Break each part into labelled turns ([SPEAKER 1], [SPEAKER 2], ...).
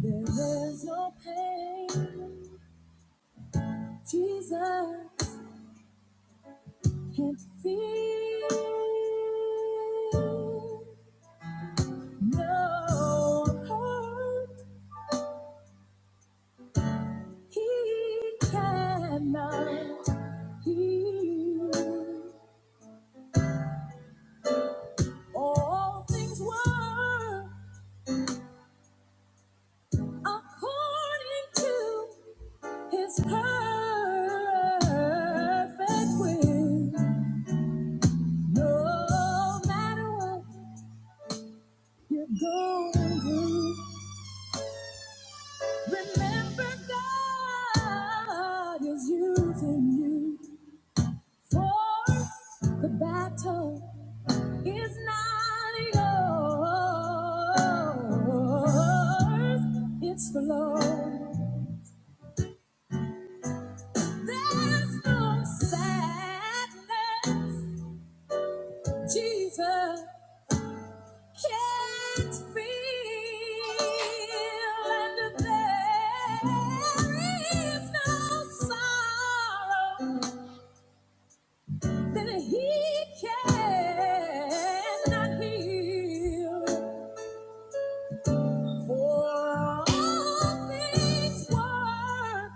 [SPEAKER 1] There is no pain Jesus can't feel. No hurt he cannot heal. All things were according to his perfect will. No matter what you're going through. Remember, God is using you for the battle is not yours, it's the Lord. There's no sadness Jesus can't feel, and there is no sorrow. that he cannot heal. For all things work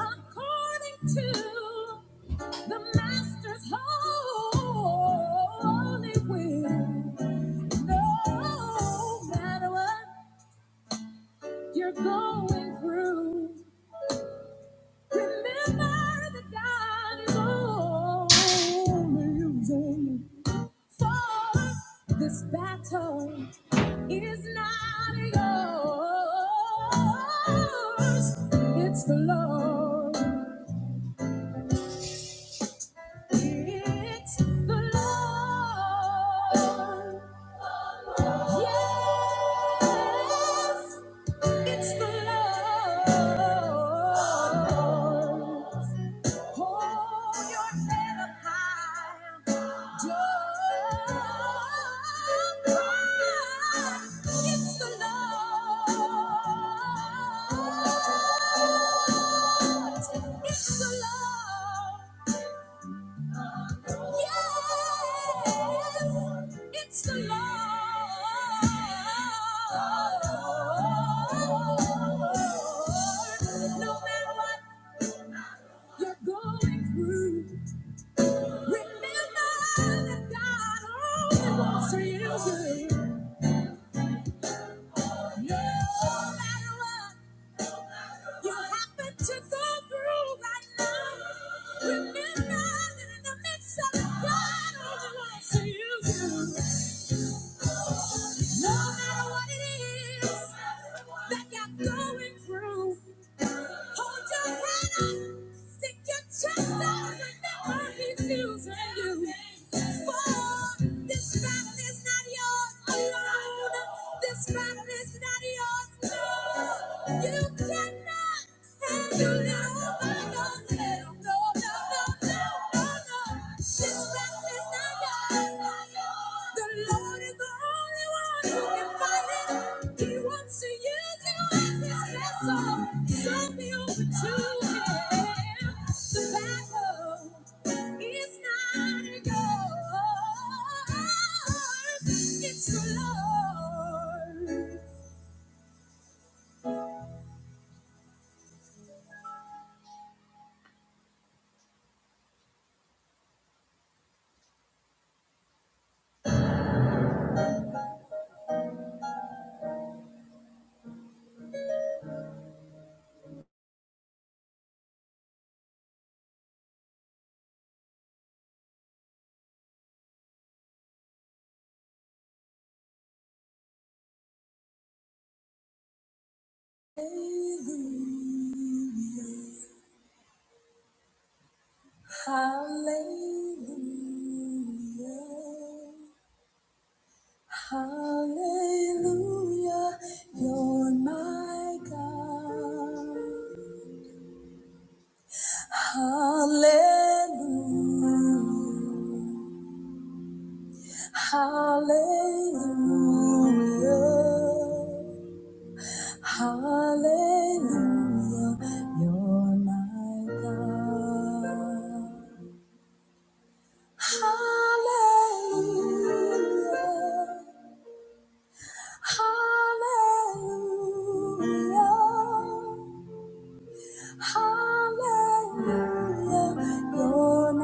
[SPEAKER 1] according to the master's holy will. No matter what you're going through, remember that God is always using For this battle is not yours, it's the Lord. It's the Lord. Yes, it's the Lord. Hold your head up high. Don't cry. It's the Lord. It's the Lord. Yes, it's the Lord. No matter what you're going through, remember that God only wants to use you. No matter what you happen to go through right now, remember that in the midst of it, God only wants to use you. No matter what it is that you're going through, hold your head up, stick your chest out, and never refuse you. For this battle is not yours alone. This battle is not yours alone. You cannot. It's the Lord. Hallelujah. Hallelujah. Hallelujah. You're my God. Hallelujah. Hallelujah. Hallelujah. You're my God. Hallelujah. Hallelujah, hallelujah, you're my God.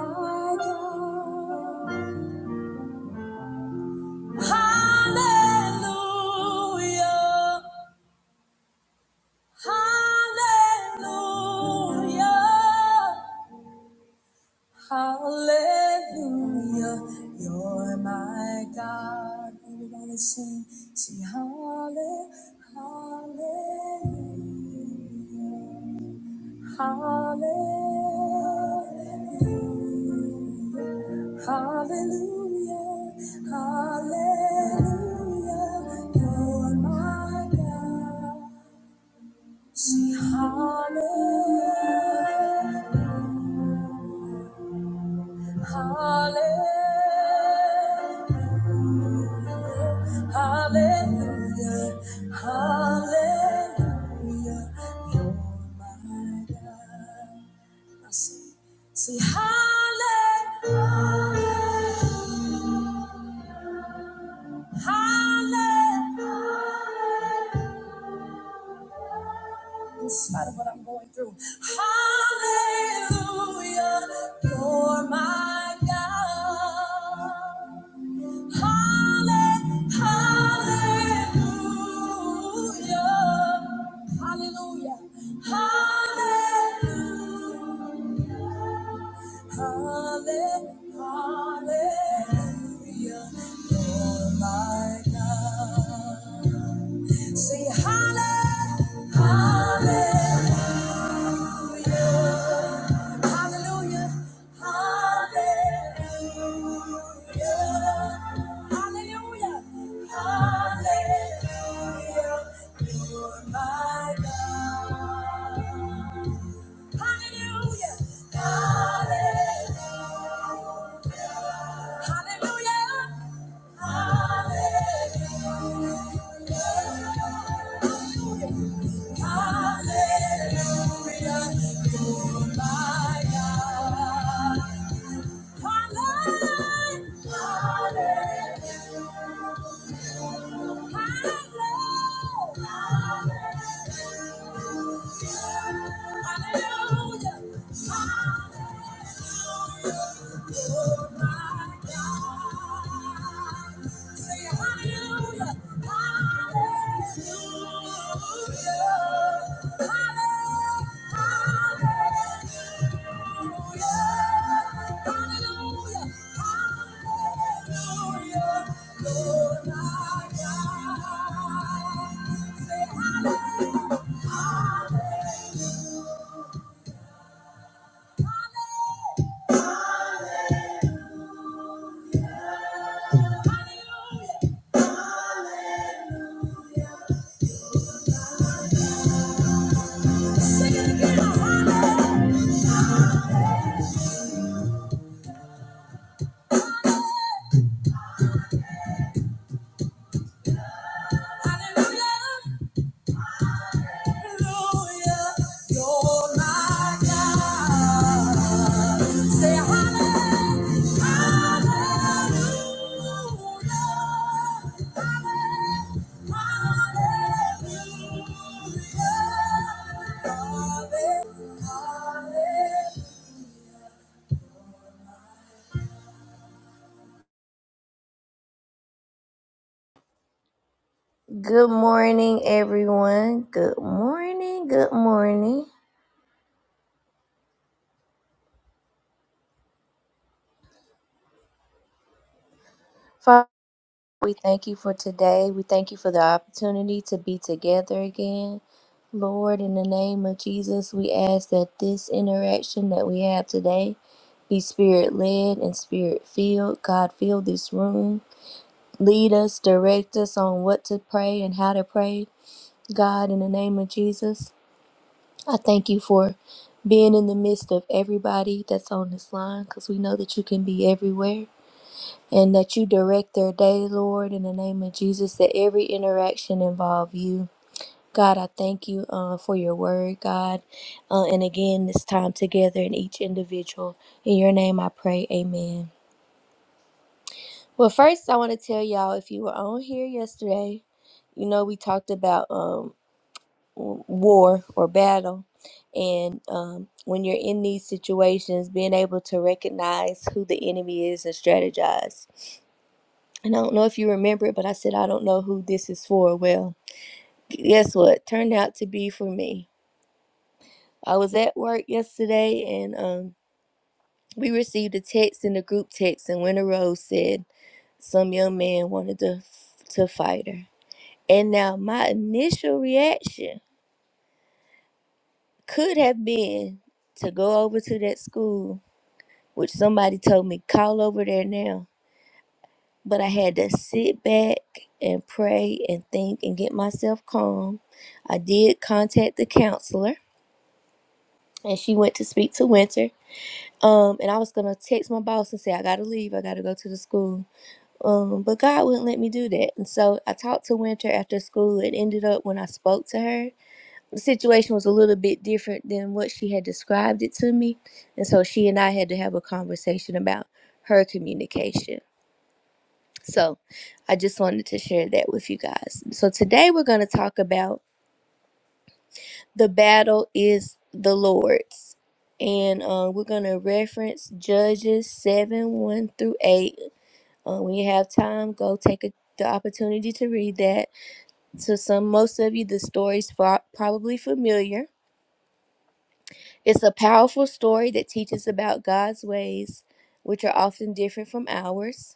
[SPEAKER 1] Hallelujah, hallelujah, Hallelujah, you're my God. Everybody sing, sing hallelujah, hallelujah, hallelujah, hallelujah, hallelujah, you're my God. Sing hallelujah. Hallelujah, hallelujah, hallelujah. You're my God. Now say, say hallelujah, hallelujah. in spite of what I'm going through. Hallelujah, you're my God. Halle- Hallelujah, hallelujah, hallelujah. Halle- Hallelujah, Lord my God. Sing halle- hallelujah, hallelujah, hallelujah, hallelujah, hallelujah, Lord my God. Hallelujah. Hallelujah. Hallelujah. Hallelujah! You're my God. Hallelujah. Hallelujah. Sing it again, Hallelujah. hallelujah. Hallelujah, you're my God. Say hallelujah, hallelujah, hallelujah. Good morning, everyone. Good morning. Good morning. We thank you for today. We thank you for the opportunity to be together again. Lord, in the name of Jesus, we ask that this interaction that we have today be spirit led and spirit filled. God, fill this room. Lead us, direct us on what to pray and how to pray. God, in the name of Jesus, I thank you for being in the midst of everybody that's on this line because we know that you can be everywhere and that you direct their day, Lord, in the name of Jesus, that every interaction involve you. God, I thank you uh, for your word, God. Uh, and again, this time together in each individual. In your name I pray, amen. Well, first, I want to tell y'all if you were on here yesterday, you know, we talked about um, w- war or battle. And um, when you're in these situations, being able to recognize who the enemy is and strategize. And I don't know if you remember it, but I said, I don't know who this is for. Well, guess what? Turned out to be for me. I was at work yesterday and um, we received a text in the group text, and Winter Rose said some young man wanted to, to fight her. And now my initial reaction could have been to go over to that school, which somebody told me, call over there now But I had to sit back and pray and think and get myself calm. I did contact the counselor and she went to speak to Winter. Um, and I was gonna text my boss and say, I gotta leave, I gotta go to the school. Um, but God wouldn't let me do that. And so I talked to Winter after school. It ended up when I spoke to her, the situation was a little bit different than what she had described it to me. And so she and I had to have a conversation about her communication. So I just wanted to share that with you guys. So today we're going to talk about the battle is the Lord's. And uh, we're going to reference Judges 7 1 through 8. Uh, when you have time, go take a, the opportunity to read that. To some, most of you, the story's fa- probably familiar. It's a powerful story that teaches about God's ways, which are often different from ours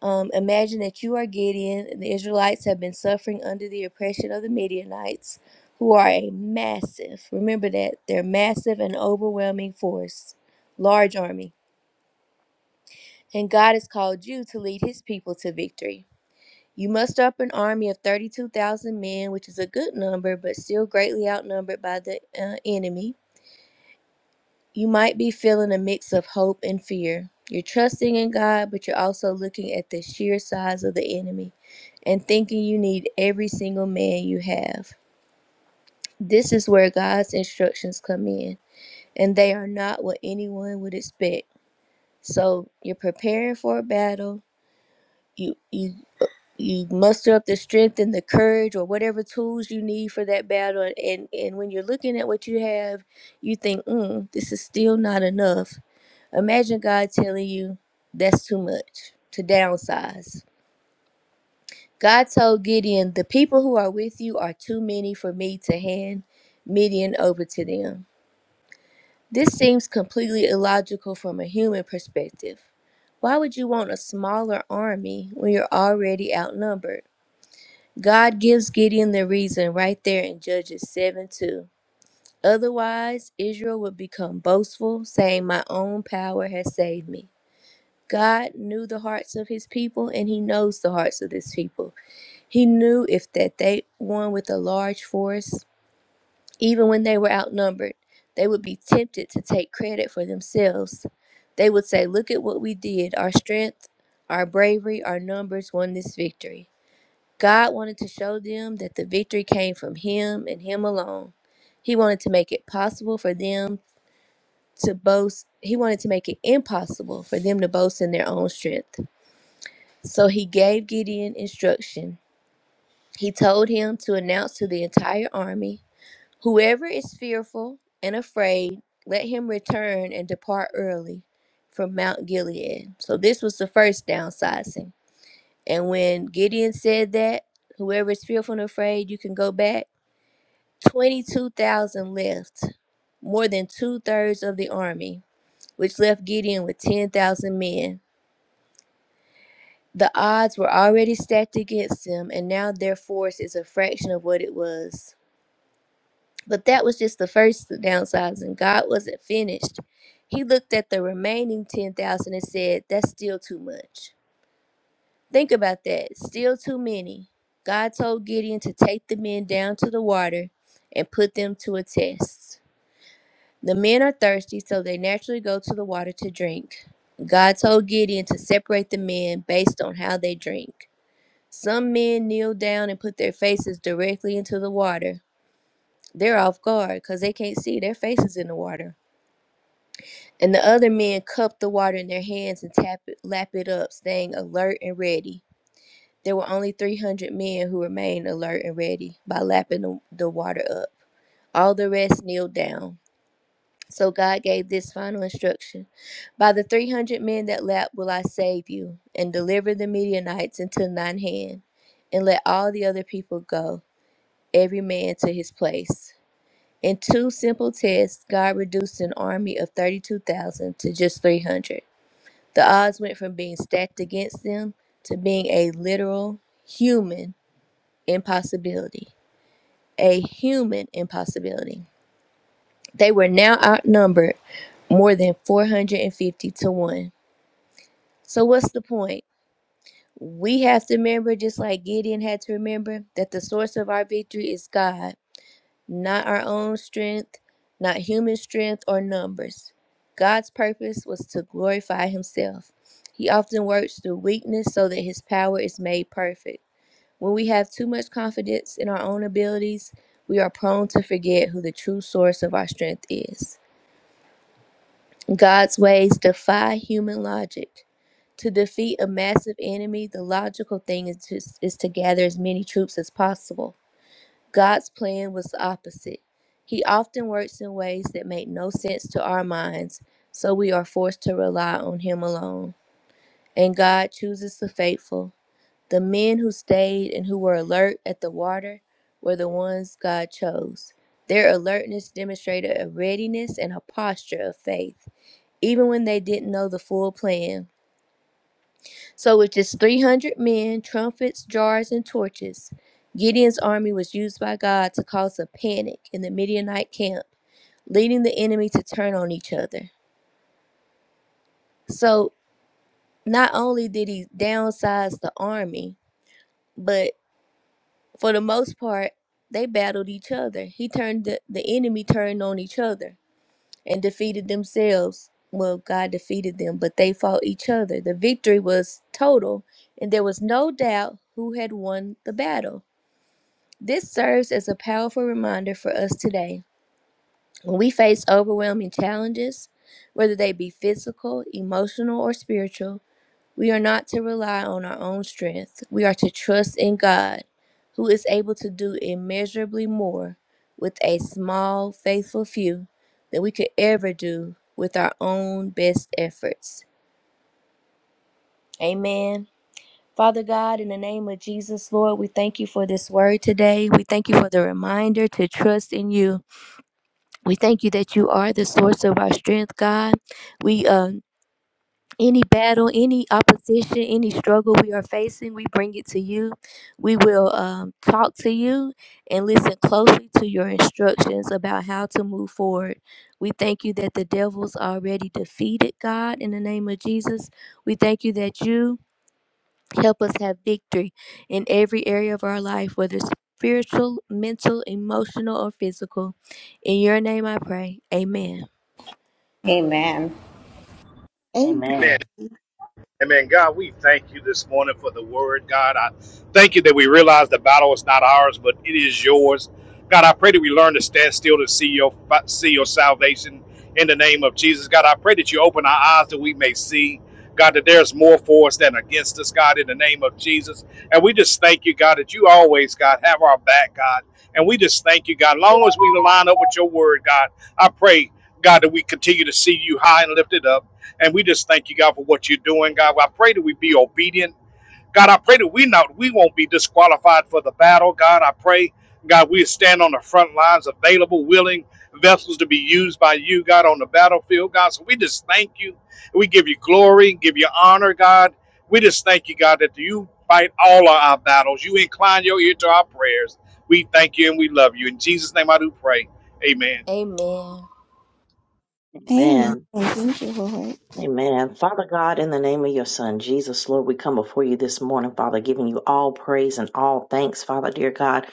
[SPEAKER 1] Um, imagine that you are Gideon, and the Israelites have been suffering under the oppression of the Midianites, who are a massive, remember that, they're massive and overwhelming force, large army. And God has called you to lead his people to victory. You muster up an army of 32,000 men, which is a good number, but still greatly outnumbered by the uh, enemy. You might be feeling a mix of hope and fear. You're trusting in God, but you're also looking at the sheer size of the enemy and thinking you need every single man you have. This is where God's instructions come in, and they are not what anyone would expect. So you're preparing for a battle. You you you muster up the strength and the courage or whatever tools you need for that battle and and when you're looking at what you have you think mm, this is still not enough Imagine God telling you that's too much to downsize. God told Gideon, The people who are with you are too many for me to hand Midian over to them. This seems completely illogical from a human perspective. Why would you want a smaller army when you're already outnumbered? God gives Gideon the reason right there in Judges 7 2. Otherwise, Israel would become boastful, saying, My own power has saved me. God knew the hearts of his people and he knows the hearts of his people. He knew if that they won with a large force, even when they were outnumbered, they would be tempted to take credit for themselves. They would say, Look at what we did. Our strength, our bravery, our numbers won this victory. God wanted to show them that the victory came from him and him alone. He wanted to make it possible for them to boast. He wanted to make it impossible for them to boast in their own strength. So he gave Gideon instruction. He told him to announce to the entire army Whoever is fearful and afraid, let him return and depart early from Mount Gilead. So this was the first downsizing. And when Gideon said that, whoever is fearful and afraid, you can go back, 22,000 left, more than two thirds of the army, which left Gideon with 10,000 men. The odds were already stacked against them, and now their force is a fraction of what it was. But that was just the first downsizing. God wasn't finished. He looked at the remaining 10,000 and said, That's still too much. Think about that. Still too many. God told Gideon to take the men down to the water and put them to a test. The men are thirsty, so they naturally go to the water to drink. God told Gideon to separate the men based on how they drink. Some men kneel down and put their faces directly into the water. They're off guard because they can't see their faces in the water. And the other men cup the water in their hands and tap it, lap it up, staying alert and ready. There were only 300 men who remained alert and ready by lapping the, the water up. All the rest kneeled down. So God gave this final instruction By the 300 men that lap will I save you, and deliver the Midianites into thine hand, and let all the other people go. every man to his place. In two simple tests, God reduced an army of 32,000 to just 300. The odds went from being stacked against them to being a literal human impossibility. A human impossibility. They were now outnumbered more than 450 to 1. So, what's the point? We have to remember, just like Gideon had to remember, that the source of our victory is God not our own strength, not human strength or numbers. God's purpose was to glorify himself. He often works through weakness so that his power is made perfect. When we have too much confidence in our own abilities, we are prone to forget who the true source of our strength is. God's ways defy human logic. To defeat a massive enemy, the logical thing is to, is to gather as many troops as possible. God's plan was the opposite. He often works in ways that make no sense to our minds, so we are forced to rely on Him alone. And God chooses the faithful. The men who stayed and who were alert at the water were the ones God chose. Their alertness demonstrated a readiness and a posture of faith, even when they didn't know the full plan. So with just 300 men, trumpets, jars, and torches, Gideon's army was used by God to cause a panic in the Midianite camp, leading the enemy to turn on each other. So not only did he downsize the army, but for the most part, they battled each other. He turned the, the enemy turned on each other and defeated themselves. Well, God defeated them, but they fought each other. The victory was total, and there was no doubt who had won the battle. This serves as a powerful reminder for us today when we face overwhelming challenges, whether they be physical, emotional, or spiritual. We are not to rely on our own strength. We are to trust in God, who is able to do immeasurably more with a small, faithful few than we could ever do with our own best efforts. Amen. Father God, in the name of Jesus, Lord, we thank you for this word today. We thank you for the reminder to trust in you. We thank you that you are the source of our strength, God. We um any battle, any opposition, any struggle we are facing, we bring it to you. We will um, talk to you and listen closely to your instructions about how to move forward. We thank you that the devil's already defeated, God, in the name of Jesus. We thank you that you help us have victory in every area of our life, whether spiritual, mental, emotional, or physical. In your name I pray. Amen.
[SPEAKER 2] Amen.
[SPEAKER 3] Amen.
[SPEAKER 4] Amen.
[SPEAKER 5] Amen.
[SPEAKER 4] Amen. God, we thank you this morning for the word. God, I thank you that we realize the battle is not ours, but it is yours. God, I pray that we learn to stand still to see your see your salvation in the name of Jesus. God, I pray that you open our eyes that we may see. God, that there's more for us than against us, God, in the name of Jesus. And we just thank you, God, that you always, God, have our back, God. And we just thank you, God. Long as we line up with your word, God, I pray, God, that we continue to see you high and lifted up. And we just thank you, God, for what you're doing, God. I pray that we be obedient. God, I pray that we not we won't be disqualified for the battle. God, I pray, God, we stand on the front lines, available, willing vessels to be used by you, God, on the battlefield, God. So we just thank you. We give you glory, give you honor, God. We just thank you, God, that you fight all of our battles. You incline your ear to our prayers. We thank you and we love you. In Jesus' name I do pray. Amen.
[SPEAKER 1] Amen.
[SPEAKER 3] Amen.
[SPEAKER 5] Amen.
[SPEAKER 3] Thank you, Lord.
[SPEAKER 5] Amen. Father God, in the name of your Son, Jesus, Lord, we come before you this morning, Father, giving you all praise and all thanks, Father, dear God.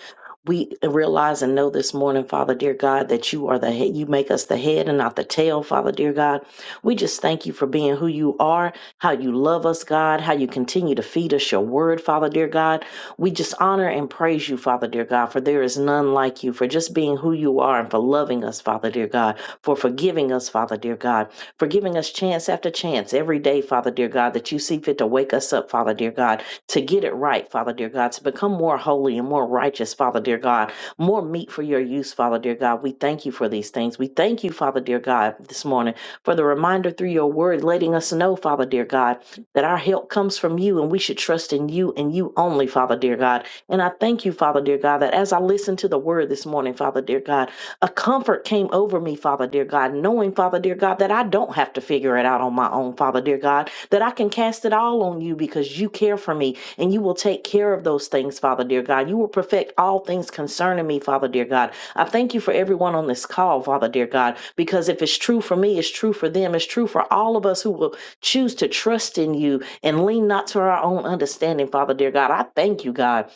[SPEAKER 5] We realize and know this morning, Father, dear God, that you are the head. You make us the head and not the tail, Father, dear God. We just thank you for being who you are, how you love us, God, how you continue to feed us your word, Father, dear God. We just honor and praise you, Father, dear God, for there is none like you, for just being who you are and for loving us, Father, dear God, for forgiving us, Father, dear God for giving us chance after chance every day, Father dear God, that you see fit to wake us up, Father dear God, to get it right, Father dear God, to become more holy and more righteous, Father dear God, more meat for your use, Father dear God. We thank you for these things. We thank you, Father dear God, this morning for the reminder through your word, letting us know, Father dear God, that our help comes from you and we should trust in you and you only, Father dear God. And I thank you, Father dear God, that as I listen to the word this morning, Father dear God, a comfort came over me, Father dear God, knowing, Father dear God, that I don't have to figure it out on my own, Father dear God, that I can cast it all on you because you care for me and you will take care of those things, Father dear God. You will perfect all things concerning me, Father dear God. I thank you for everyone on this call, Father dear God, because if it's true for me, it's true for them, it's true for all of us who will choose to trust in you and lean not to our own understanding, Father dear God. I thank you, God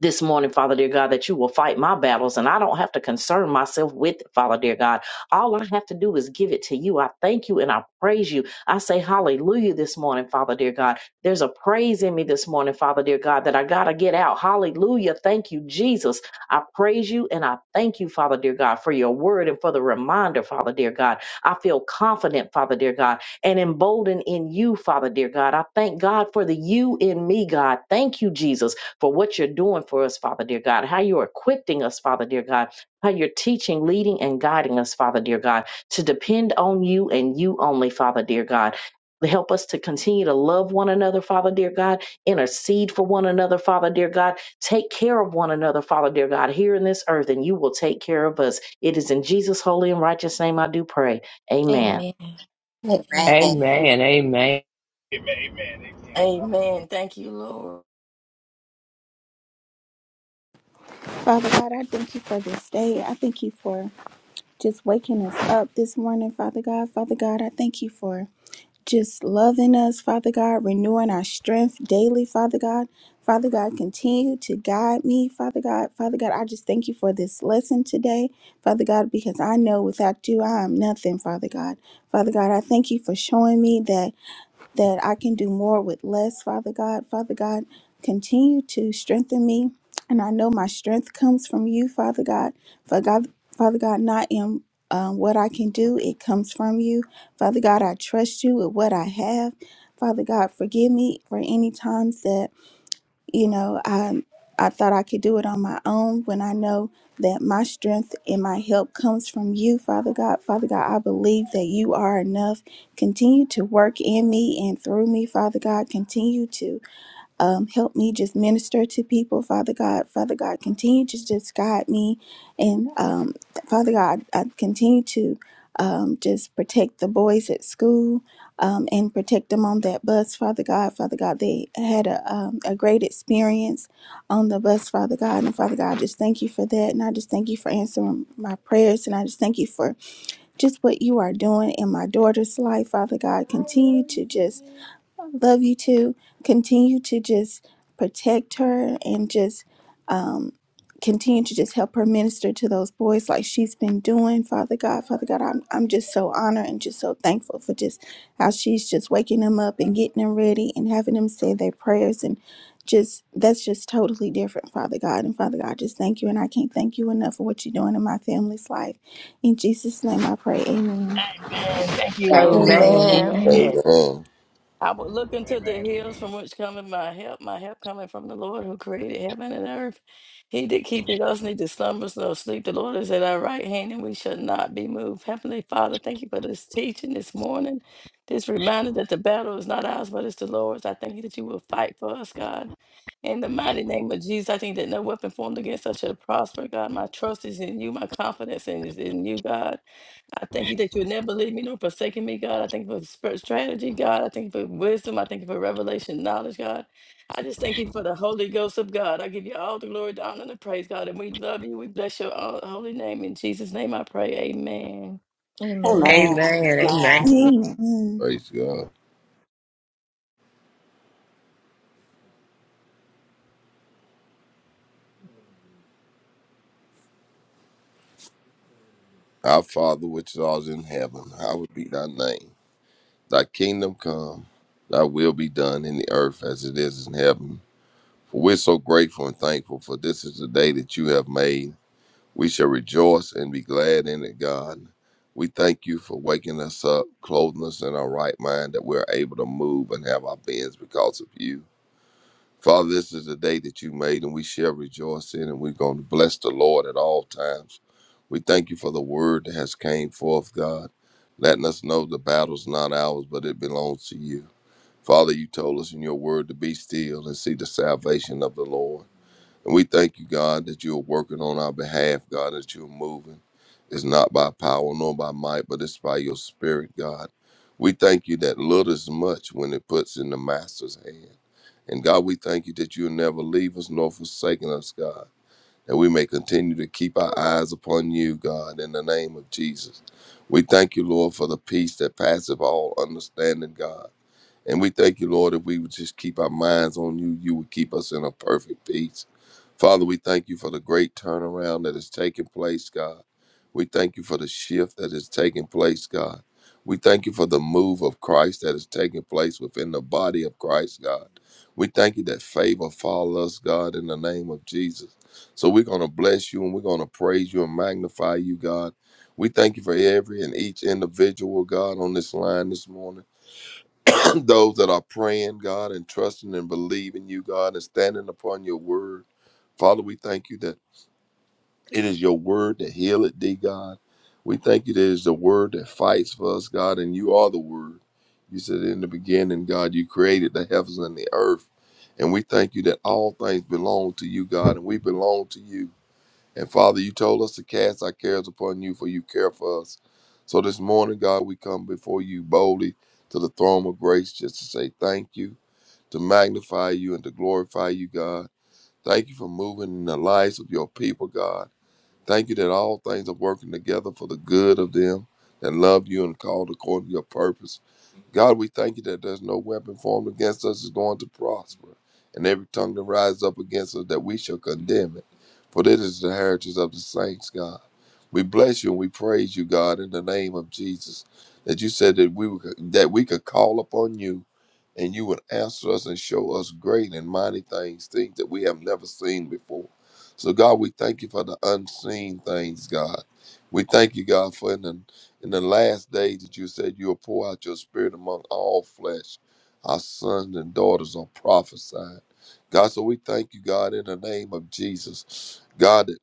[SPEAKER 5] this morning, Father dear God, that you will fight my battles and I don't have to concern myself with it, Father dear God. All I have to do is give it to you. I thank you and I praise you. I say hallelujah this morning, Father dear God. There's a praise in me this morning, Father dear God, that I got to get out. Hallelujah. Thank you, Jesus. I praise you and I thank you, Father dear God, for your word and for the reminder, Father dear God. I feel confident, Father dear God, and emboldened in you, Father dear God. I thank God for the you in me, God. Thank you, Jesus for what you're doing for us, Father dear God, how you're equipping us, Father dear God, how you're teaching, leading, and guiding us, Father dear God, to depend on you and you only, Father dear God. Help us to continue to love one another, Father dear God, intercede for one another, Father dear God, take care of one another, Father dear God, here in this earth, and you will take care of us. It is in Jesus' holy and righteous name I do pray. Amen.
[SPEAKER 1] Amen.
[SPEAKER 2] Amen.
[SPEAKER 6] Amen. Amen.
[SPEAKER 4] Amen. Amen. Amen.
[SPEAKER 7] Amen. Thank you, Lord.
[SPEAKER 3] Father God, I thank you for this day. I thank you for just waking us up this morning, Father God. Father God, I thank you for just loving us, Father God, renewing our strength daily, Father God. Father God, continue to guide me, Father God. Father God, I just thank you for this lesson today, Father God, because I know without you I am nothing, Father God. Father God, I thank you for showing me that. that I can do more with less, Father God. Father God, continue to strengthen me. And I know my strength comes from you, Father God. Father God, Father God not in um, what I can do, it comes from you. Father God, I trust you with what I have. Father God, forgive me for any times that you know, I I thought I could do it on my own when I know that my strength and my help comes from you, Father God. Father God, I believe that you are enough. Continue to work in me and through me, Father God. Continue to um, help me just minister to people, Father God. Father God, continue to just guide me. And um, Father God, I continue to um, just protect the boys at school um, and protect them on that bus, Father God. Father God, they had a, um, a great experience on the bus, Father God. And Father God, I just thank you for that. And I just thank you for answering my prayers. And I just thank you for just what you are doing in my daughter's life, Father God. Continue to just love you too. Continue to just protect her and just um, continue to just help her minister to those boys like she's been doing. Father God, Father God, I'm, I'm just so honored and just so thankful for just how she's just waking them up and getting them ready and having them say their prayers and just that's just totally different, Father God. And Father God, just thank you. And I can't thank you enough for what you're doing in my family's life. In Jesus' name I pray. Amen.
[SPEAKER 7] Amen. Thank
[SPEAKER 6] Amen.
[SPEAKER 7] you, Lord.
[SPEAKER 6] Amen.
[SPEAKER 1] Amen.
[SPEAKER 8] Amen.
[SPEAKER 7] I will look into the hills from which cometh my help. My help coming from the Lord who created heaven and earth. He did keep it us, neither slumbers nor sleep. The Lord is at our right hand, and we shall not be moved. Heavenly Father, thank you for this teaching this morning. This reminder that the battle is not ours, but it's the Lord's. I thank you that you will fight for us, God. In the mighty name of Jesus, I think that no weapon formed against us shall prosper, God. My trust is in you. My confidence is in you, God. I thank you that you would never leave me nor forsaken me, God. I thank you for sp- strategy, God. I thank you for wisdom. I thank you for revelation, knowledge, God. I just thank you for the Holy Ghost of God. I give you all the glory, the honor, and the praise, God. And we love you. We bless your ho- holy name. In Jesus' name I pray. Amen.
[SPEAKER 2] Amen.
[SPEAKER 1] Amen.
[SPEAKER 6] Amen.
[SPEAKER 2] Amen.
[SPEAKER 6] Amen.
[SPEAKER 3] Amen.
[SPEAKER 8] Praise God. Our Father which art in heaven, hallowed be thy name. Thy kingdom come, thy will be done in the earth as it is in heaven. For we're so grateful and thankful for this is the day that you have made. We shall rejoice and be glad in it, God. We thank you for waking us up, clothing us in our right mind, that we're able to move and have our beings because of you. Father, this is the day that you made, and we shall rejoice in, and we're going to bless the Lord at all times. We thank you for the word that has came forth, God, letting us know the battle's not ours, but it belongs to you. Father, you told us in your word to be still and see the salvation of the Lord. And we thank you, God, that you are working on our behalf, God, that you're moving. It's not by power nor by might, but it's by your spirit, God. We thank you that little is much when it puts in the master's hand. And God, we thank you that you'll never leave us nor forsaken us, God. That we may continue to keep our eyes upon you, God, in the name of Jesus. We thank you, Lord, for the peace that passeth all understanding, God. And we thank you, Lord, if we would just keep our minds on you, you would keep us in a perfect peace. Father, we thank you for the great turnaround that is taking place, God. We thank you for the shift that is taking place, God. We thank you for the move of Christ that is taking place within the body of Christ, God. We thank you that favor follow us, God, in the name of Jesus. So we're going to bless you and we're going to praise you and magnify you, God. We thank you for every and each individual, God, on this line this morning. those that are praying, God, and trusting and believing you, God, and standing upon your word. Father, we thank you that it is your word that healeth thee, God. We thank you that it is the word that fights for us, God, and you are the word. You said in the beginning, God, you created the heavens and the earth. And we thank you that all things belong to you, God, and we belong to you. And Father, you told us to cast our cares upon you, for you care for us. So this morning, God, we come before you boldly to the throne of grace just to say thank you, to magnify you, and to glorify you, God. Thank you for moving in the lives of your people, God. Thank you that all things are working together for the good of them that love you and called according to your purpose. God, we thank you that there's no weapon formed against us is going to prosper, and every tongue that rises up against us that we shall condemn it. For this is the heritage of the saints, God. We bless you and we praise you, God, in the name of Jesus, that you said that we would, that we could call upon you, and you would answer us and show us great and mighty things, things that we have never seen before. So, God, we thank you for the unseen things, God. We thank you, God, for in the in the last days that you said you will pour out your spirit among all flesh. Our sons and daughters are prophesying. God, so we thank you, God, in the name of Jesus. God, that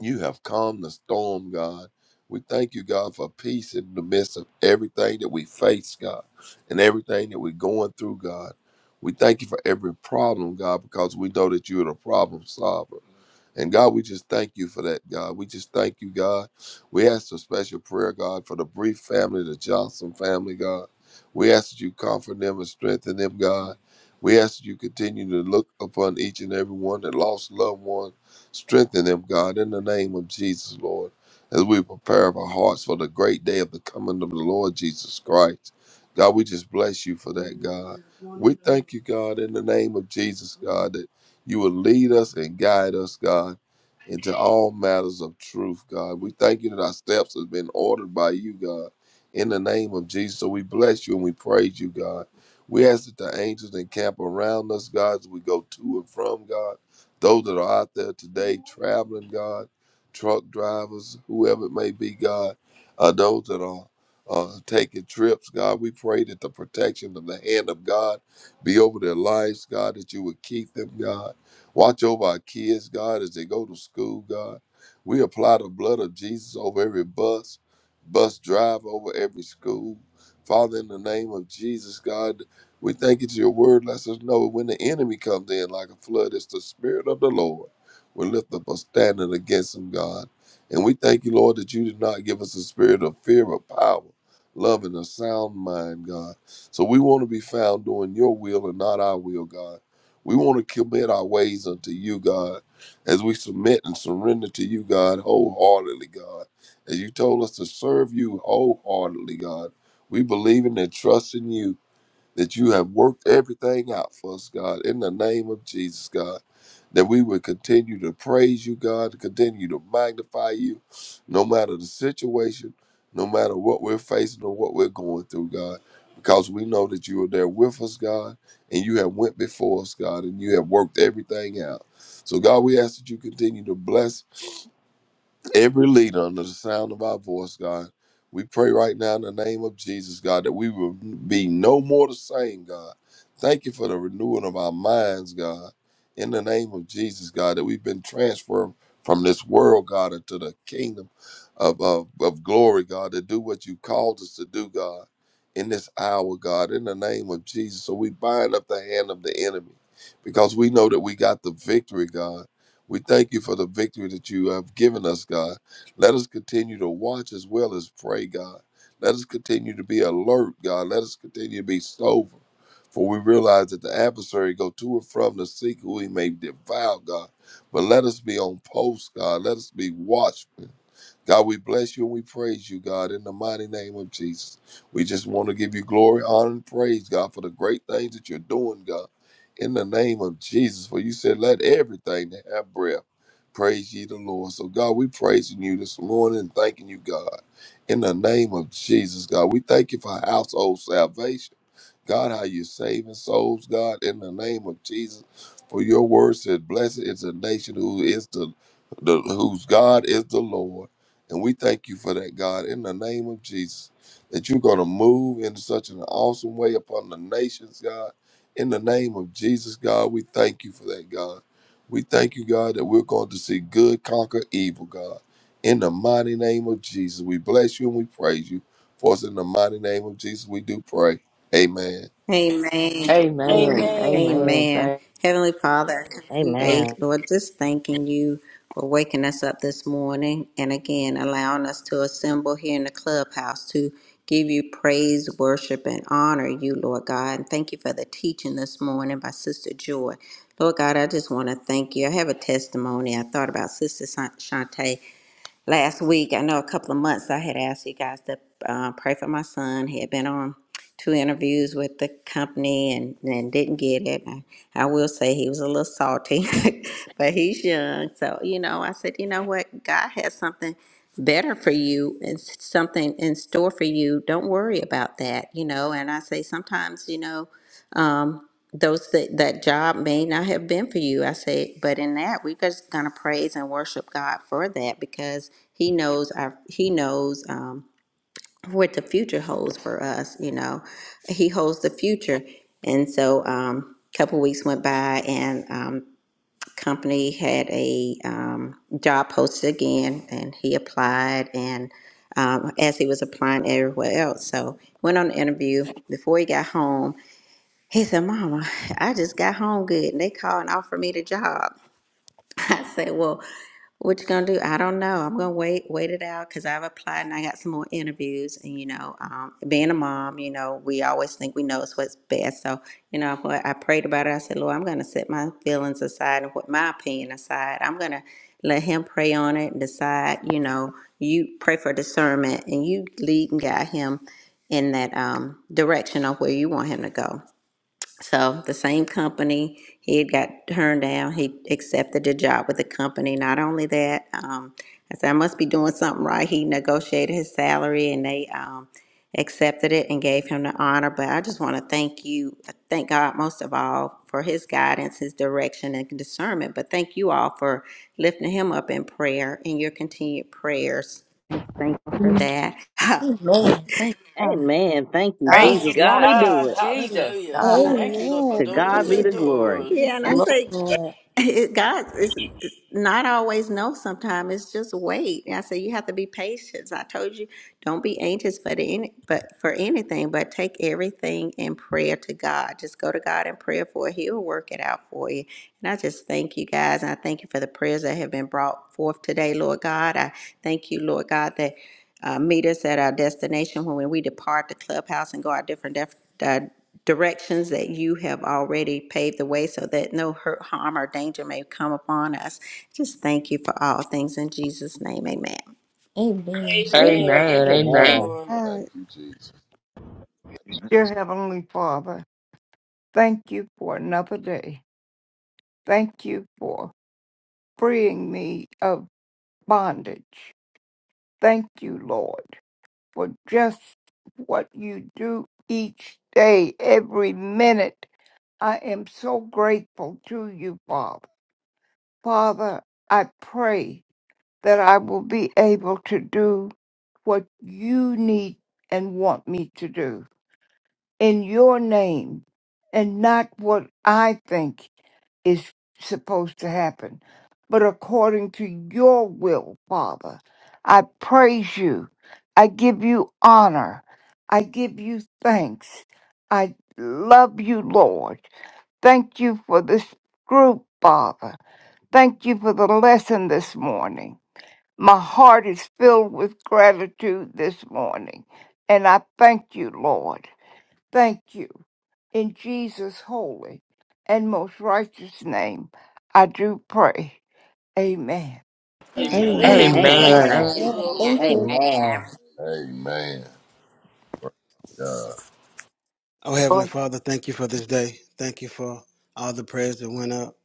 [SPEAKER 8] you have calmed the storm, God. We thank you, God, for peace in the midst of everything that we face, God, and everything that we're going through, God. We thank you for every problem, God, because we know that you're the problem solver. And God, we just thank you for that, God. We just thank you, God. We ask a special prayer, God, for the brief family, the Johnson family, God. We ask that you comfort them and strengthen them, God. We ask that you continue to look upon each and every one that lost loved one. Strengthen them, God, in the name of Jesus, Lord, as we prepare our hearts for the great day of the coming of the Lord Jesus Christ. God, we just bless you for that, God. We thank you, God, in the name of Jesus, God, that you will lead us and guide us, God into all matters of truth, God. We thank you that our steps have been ordered by you, God. In the name of Jesus, so we bless you and we praise you, God. We ask that the angels encamp around us, God, as we go to and from, God. Those that are out there today traveling, God, truck drivers, whoever it may be, God, uh, those that are uh, taking trips, God, we pray that the protection of the hand of God be over their lives, God, that you would keep them, God Watch over our kids, God, as they go to school, God. We apply the blood of Jesus over every bus, bus drive over every school. Father, in the name of Jesus, God, we thank you to your word. Let us know when the enemy comes in like a flood, it's the Spirit of the Lord. We lift up a standard against him, God. And we thank you, Lord, that you did not give us a spirit of fear, but power, love, and a sound mind, God. So we want to be found doing your will and not our will, God. We want to commit our ways unto you, God, as we submit and surrender to you, God, wholeheartedly, God. As you told us to serve you wholeheartedly, God. We believe in and trust in you that you have worked everything out for us, God, in the name of Jesus, God. That we would continue to praise you, God, to continue to magnify you, no matter the situation, no matter what we're facing or what we're going through, God, because we know that you are there with us, God, and you have went before us, God, and you have worked everything out. So, God, we ask that you continue to bless every leader under the sound of our voice, God. We pray right now in the name of Jesus, God, that we will be no more the same, God. Thank you for the renewing of our minds, God. In the name of Jesus, God, that we've been transferred from this world, God, into the kingdom of, of, of glory, God, to do what you called us to do, God, in this hour, God, in the name of Jesus. So we bind up the hand of the enemy because we know that we got the victory, God. We thank you for the victory that you have given us, God. Let us continue to watch as well as pray, God. Let us continue to be alert, God. Let us continue to be sober. For we realize that the adversary go to and from to seek who he may devour, God. But let us be on post, God. Let us be watchmen. God, we bless you and we praise you, God, in the mighty name of Jesus. We just want to give you glory, honor, and praise, God, for the great things that you're doing, God in the name of Jesus. For you said, let everything that have breath praise ye the Lord. So, God, we praising you this morning and thanking you, God, in the name of Jesus, God. We thank you for household salvation. God, how you saving souls, God, in the name of Jesus. For your word says, Blessed is the nation who is the, the whose God is the Lord. And we thank you for that, God, in the name of Jesus. That you're gonna move in such an awesome way upon the nations, God. In the name of Jesus, God, we thank you for that, God. We thank you, God, that we're going to see good conquer evil, God. In the mighty name of Jesus, we bless you and we praise you. For us in the mighty name of Jesus, we do pray. Amen.
[SPEAKER 2] Amen.
[SPEAKER 6] Amen.
[SPEAKER 2] Amen.
[SPEAKER 7] Amen.
[SPEAKER 6] Amen.
[SPEAKER 2] Amen.
[SPEAKER 6] Thank.
[SPEAKER 2] Heavenly Father,
[SPEAKER 4] Look,
[SPEAKER 2] today,
[SPEAKER 5] Amen.
[SPEAKER 2] Lord, just thanking you for waking us up this morning and again allowing us to assemble here in the clubhouse to give you praise, worship, and honor you, Lord God. And thank you for the teaching this morning by Sister Joy. Lord God, I just want to thank you. I have a testimony. I thought about Sister Shan- Shantae last week, I know a couple of months, I had asked you guys to uh, pray for my son. He had been on two interviews with the company and, and didn't get it. I, I will say he was a little salty, but he's young. So, you know, I said, you know what? God has something better for you and s- something in store for you. Don't worry about that, you know. And I say sometimes, you know, um, those that that job may not have been for you. I said, but in that we're just gonna praise and worship God for that because He knows our He knows um, what the future holds for us. You know, He holds the future, and so um, a couple weeks went by and. Um, company had a um, job posted again and he applied and um, as he was applying everywhere else so went on the interview before he got home he said, Mama, I just got home good and they called and offered me the job. I said, Well, what you gonna do? I don't know. I'm gonna wait, wait it out because I've applied and I got some more interviews. And you know, um, being a mom, you know, we always think we know what's best. So, you know, I, I prayed about it. I said, Lord, I'm gonna set my feelings aside and put my opinion aside. I'm gonna let him pray on it and decide, you know, you pray for discernment and you lead and guide him in that um, direction of where you want him to go. So the same company, he had got turned down. He accepted a job with the company. Not only that, um, I said, I must be doing something right. He negotiated his salary and they um, accepted it and gave him the honor. But I just want to thank you, uh, thank God most of all for his guidance, his direction, and discernment. But thank you all for lifting him up in prayer and your continued prayers. Thankful for
[SPEAKER 1] Mm.
[SPEAKER 2] that.
[SPEAKER 1] Amen. Thank
[SPEAKER 2] yeah,
[SPEAKER 1] God.
[SPEAKER 5] Amen. Thank you,
[SPEAKER 1] God.
[SPEAKER 9] Praise
[SPEAKER 5] Jesus.
[SPEAKER 7] Praise
[SPEAKER 5] Won't
[SPEAKER 9] God.
[SPEAKER 5] he
[SPEAKER 9] Thank
[SPEAKER 5] do
[SPEAKER 9] you,
[SPEAKER 7] God.
[SPEAKER 5] it?
[SPEAKER 1] Praise
[SPEAKER 9] Jesus.
[SPEAKER 3] Amen.
[SPEAKER 7] Hallelujah.
[SPEAKER 1] God.
[SPEAKER 7] Thank you,
[SPEAKER 2] yeah.
[SPEAKER 7] Lord, for
[SPEAKER 5] To
[SPEAKER 7] door-
[SPEAKER 5] God
[SPEAKER 3] Yes,
[SPEAKER 5] be
[SPEAKER 7] opening
[SPEAKER 5] the glory.
[SPEAKER 7] doors.
[SPEAKER 2] Yeah,
[SPEAKER 1] Yes,
[SPEAKER 2] and I
[SPEAKER 3] Thank
[SPEAKER 1] Lord.
[SPEAKER 3] you,
[SPEAKER 2] say
[SPEAKER 3] Lord.
[SPEAKER 2] It, God is is not always no. Sometimes it's just wait. And I said you have to be patient. So I told you don't be anxious for the any, but for anything, but take everything in prayer to God. Just go to God in prayer for it. He'll work it out for you. And I just thank you guys, and I thank you for the prayers that have been brought forth today, Lord God. I thank you, Lord God, that uh, meet us at our destination when we depart the clubhouse and go our different def- uh, directions that you have already paved the way so that no hurt, harm, or danger may come upon us. Just thank you for all things in Jesus' name. Amen.
[SPEAKER 1] Amen.
[SPEAKER 3] Thank
[SPEAKER 7] Amen. Thank
[SPEAKER 6] Amen.
[SPEAKER 7] you,
[SPEAKER 6] Amen.
[SPEAKER 5] Amen.
[SPEAKER 7] Lord.
[SPEAKER 3] God.
[SPEAKER 8] Thank you, Jesus.
[SPEAKER 10] Dear Heavenly Father, thank you for another day. Thank you for freeing me of bondage. Thank you, Lord, for just what you do each day, every minute. I am so grateful to you, Father. Father, I pray that I will be able to do what you need and want me to do in your name and not what I think is supposed to happen, but according to your will, Father. I praise you. I give you honor. I give you thanks. I love you, Lord. Thank you for this group, Father. Thank you for the lesson this morning. My heart is filled with gratitude this morning, and I thank you, Lord. Thank you. In Jesus' holy and most righteous name, I do pray. Amen.
[SPEAKER 7] Amen.
[SPEAKER 1] Amen.
[SPEAKER 2] Amen.
[SPEAKER 3] Amen.
[SPEAKER 7] Amen.
[SPEAKER 5] Amen.
[SPEAKER 7] Thank
[SPEAKER 6] Amen.
[SPEAKER 7] you,
[SPEAKER 3] Yeah,
[SPEAKER 7] Lord.
[SPEAKER 3] thank
[SPEAKER 2] Amen.
[SPEAKER 3] you.
[SPEAKER 5] Amen.
[SPEAKER 2] Amen.
[SPEAKER 8] Amen. God.
[SPEAKER 11] Oh, Heavenly Father, thank you for this day. Thank you for all the prayers that went up.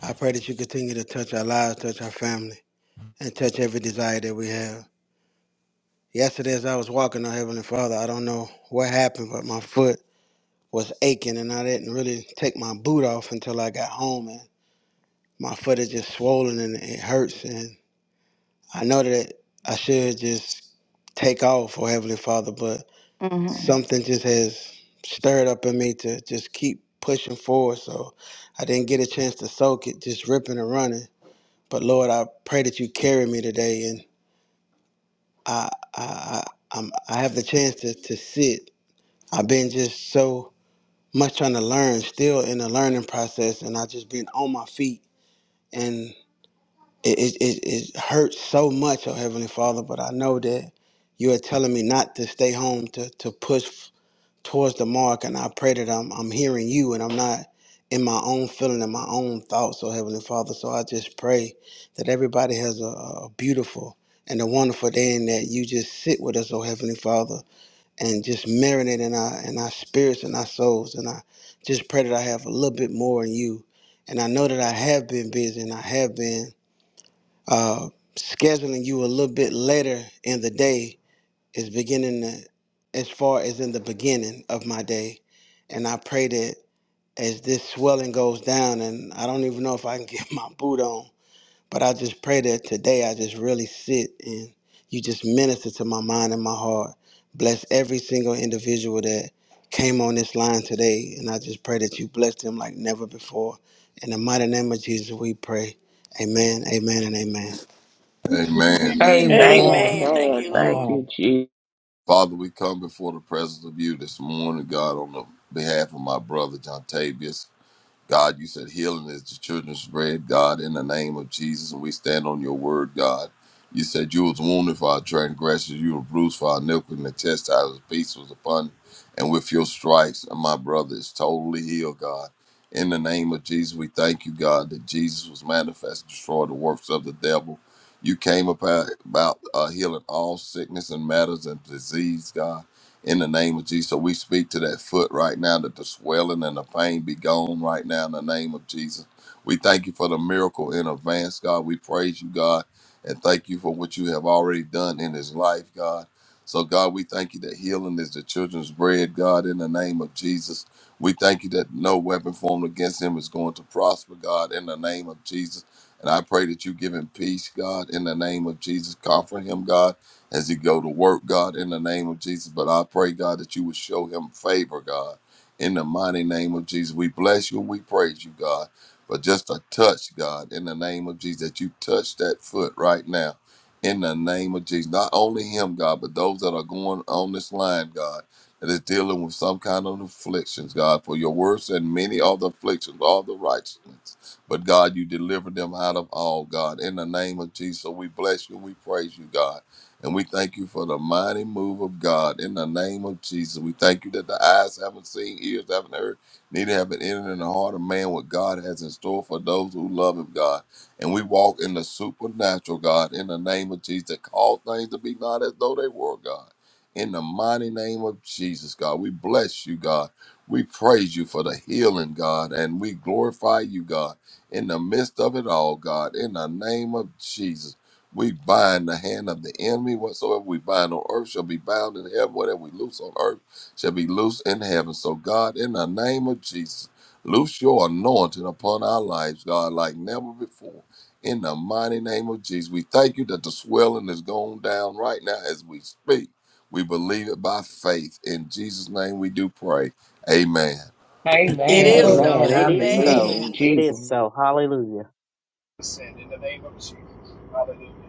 [SPEAKER 11] I pray that you continue to touch our lives, touch our family, and touch every desire that we have. Yesterday, as I was walking, oh, Heavenly Father, I don't know what happened, but my foot was aching, and I didn't really take my boot off until I got home, and my foot is just swollen and it hurts, and I know that I should just take off, oh, Heavenly Father, but
[SPEAKER 10] hmm
[SPEAKER 11] something just has stirred up in me to just keep pushing forward. So I didn't get a chance to soak it, just ripping and running. But Lord, I pray that you carry me today, and I I I, I'm, I have the chance to to sit. I've been just so much trying to learn, still in the learning process, and I just been on my feet, and it it, it it hurts so much, oh Heavenly Father. But I know that you are telling me not to stay home, to to push. towards the mark and I pray that I'm I'm hearing you and I'm not in my own feeling and my own thoughts, oh Heavenly Father. So I just pray that everybody has a, a beautiful and a wonderful day and that you just sit with us, oh Heavenly Father, and just marinate in our in our spirits and our souls. And I just pray that I have a little bit more in you. And I know that I have been busy and I have been uh scheduling you a little bit later in the day is beginning to, as far as in the beginning of my day. And I pray that as this swelling goes down, and I don't even know if I can get my boot on, but I just pray that today I just really sit and you just minister to my mind and my heart. Bless every single individual that came on this line today. And I just pray that you bless them like never before. In the mighty name of Jesus, we pray. Amen, amen, and amen.
[SPEAKER 8] Amen.
[SPEAKER 3] Amen.
[SPEAKER 7] Amen.
[SPEAKER 6] Amen.
[SPEAKER 5] Amen.
[SPEAKER 7] Amen. Thank
[SPEAKER 6] Amen.
[SPEAKER 7] you, Lord.
[SPEAKER 6] Thank you,
[SPEAKER 5] Amen.
[SPEAKER 6] Jesus.
[SPEAKER 8] Father, we come before the presence of you this morning, God, on the behalf of my brother John Tavius. God, you said healing is the children's bread, God, in the name of Jesus, and we stand on your word, God. You said you was wounded for our transgressions, you were bruised for our iniquity, and the chastisement of peace was upon you. And with your stripes, my brother is totally healed, God. In the name of Jesus, we thank you, God, that Jesus was manifest to destroy the works of the devil. You came about, about uh, healing all sickness and matters and disease, God in the name of Jesus. So we speak to that foot right now that the swelling and the pain be gone right now in the name of Jesus. We thank you for the miracle in advance, God. We praise you, God, and thank you for what you have already done in his life, God. So, God, we thank you that healing is the children's bread, God, in the name of Jesus. We thank you that no weapon formed against him is going to prosper, God, in the name of Jesus. And I pray that you give him peace, God, in the name of Jesus. Comfort him, God as he go to work, God, in the name of Jesus. But I pray, God, that you would show him favor, God, in the mighty name of Jesus. We bless you and we praise you, God. But just a touch, God, in the name of Jesus, that you touch that foot right now, in the name of Jesus. Not only him, God, but those that are going on this line, God, that is dealing with some kind of afflictions, God. For your words and many other afflictions, all the righteousness. But God, you delivered them out of all, God, in the name of Jesus. So we bless you and we praise you, God. And we thank you for the mighty move of God in the name of Jesus. We thank you that the eyes haven't seen, ears haven't heard, neither have it entered in the heart of man what God has in store for those who love Him, God. And we walk in the supernatural, God, in the name of Jesus. That Call things to be not as though they were, God. In the mighty name of Jesus, God, we bless you, God. We praise you for the healing, God, and we glorify you, God, in the midst of it all, God, in the name of Jesus. We bind the hand of the enemy. Whatsoever we bind on earth shall be bound in heaven. Whatever we loose on earth shall be loose in heaven. So, God, in the name of Jesus, loose your anointing upon our lives, God, like never before. In the mighty name of Jesus, we thank you that the swelling is going down right now as we speak. We believe it by faith. In Jesus' name we do pray. Amen.
[SPEAKER 7] It
[SPEAKER 6] Amen.
[SPEAKER 7] is
[SPEAKER 1] Amen.
[SPEAKER 7] so.
[SPEAKER 6] Amen.
[SPEAKER 5] Amen.
[SPEAKER 6] I
[SPEAKER 5] It is
[SPEAKER 6] believe
[SPEAKER 5] so.
[SPEAKER 1] Amen.
[SPEAKER 6] in
[SPEAKER 7] Amen.
[SPEAKER 5] It
[SPEAKER 6] Jesus.
[SPEAKER 5] is so. Hallelujah.
[SPEAKER 4] descend in the name of Jesus. Hallelujah.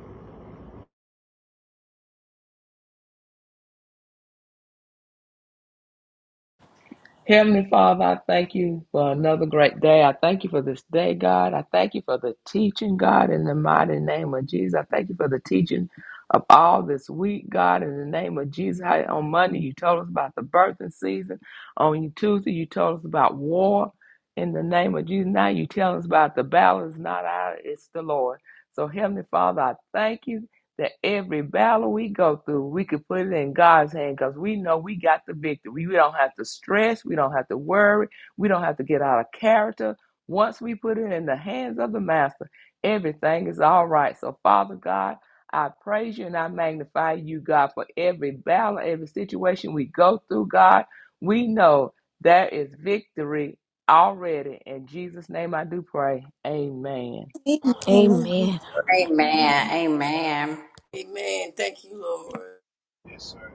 [SPEAKER 6] Heavenly Father, I thank you for another great day. I thank you for this day, God. I thank you for the teaching, God, in the mighty name of Jesus. I thank you for the teaching of all this week, God, in the name of Jesus. How on Monday you told us about the birthing season. On Tuesday you told us about war. In the name of Jesus. Now you tell us about the battle is not ours, it's the Lord. So Heavenly Father, I thank you that every battle we go through, we could put it in God's hand because we know we got the victory. We we don't have to stress. We don't have to worry. We don't have to get out of character. Once we put it in the hands of the Master, everything is all right. So, Father God, I praise you and I magnify you, God, for every battle, every situation we go through, God. We know there is victory already. In Jesus' name I do pray. Amen.
[SPEAKER 3] Amen.
[SPEAKER 1] Amen.
[SPEAKER 2] Amen. Amen.
[SPEAKER 7] Amen. Thank you, Lord.
[SPEAKER 4] Yes, sir.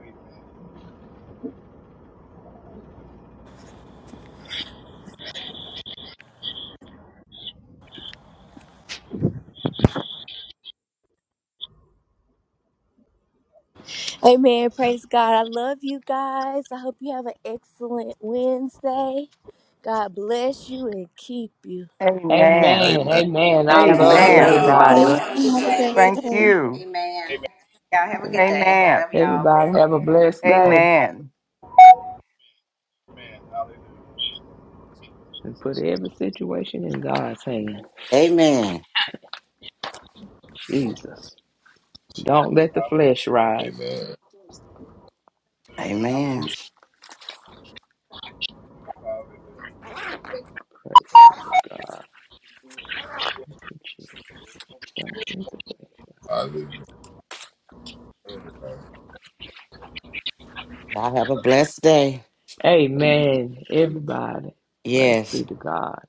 [SPEAKER 1] Amen. Praise God. I love you guys. I hope you have an excellent Wednesday. God bless you and keep you.
[SPEAKER 10] Amen.
[SPEAKER 6] Amen.
[SPEAKER 8] Amen.
[SPEAKER 6] Amen. I
[SPEAKER 5] Have a
[SPEAKER 7] Amen.
[SPEAKER 6] love
[SPEAKER 2] Amen.
[SPEAKER 5] great
[SPEAKER 7] Love
[SPEAKER 2] Love
[SPEAKER 5] day,
[SPEAKER 10] Amen.
[SPEAKER 2] you
[SPEAKER 7] y'all. Bye
[SPEAKER 5] everybody.
[SPEAKER 6] everybody.
[SPEAKER 2] all.
[SPEAKER 3] Amen.
[SPEAKER 2] Have a
[SPEAKER 7] bye.
[SPEAKER 2] good
[SPEAKER 3] Have a
[SPEAKER 7] God is
[SPEAKER 3] great
[SPEAKER 2] day.
[SPEAKER 7] with
[SPEAKER 10] Thank
[SPEAKER 7] you.
[SPEAKER 3] day.
[SPEAKER 10] you.
[SPEAKER 2] Amen.
[SPEAKER 4] Amen.
[SPEAKER 2] Y'all have a
[SPEAKER 6] And
[SPEAKER 2] good day.
[SPEAKER 10] Amen.
[SPEAKER 2] Love y'all.
[SPEAKER 6] everybody have a blessed day
[SPEAKER 10] Amen.
[SPEAKER 4] Amen. Hallelujah.
[SPEAKER 6] and put every situation in God's hand.
[SPEAKER 12] Amen.
[SPEAKER 6] Jesus.
[SPEAKER 4] Jesus.
[SPEAKER 6] Don't let the flesh rise.
[SPEAKER 8] Amen.
[SPEAKER 4] Hallelujah. Hallelujah.
[SPEAKER 12] Amen.
[SPEAKER 4] Hallelujah.
[SPEAKER 6] Praise the God. Jesus. Don't let the flesh
[SPEAKER 8] Hallelujah.
[SPEAKER 12] Y'all have a blessed day.
[SPEAKER 6] rise. Amen. Everybody. Praise
[SPEAKER 12] Yes.
[SPEAKER 6] be to God.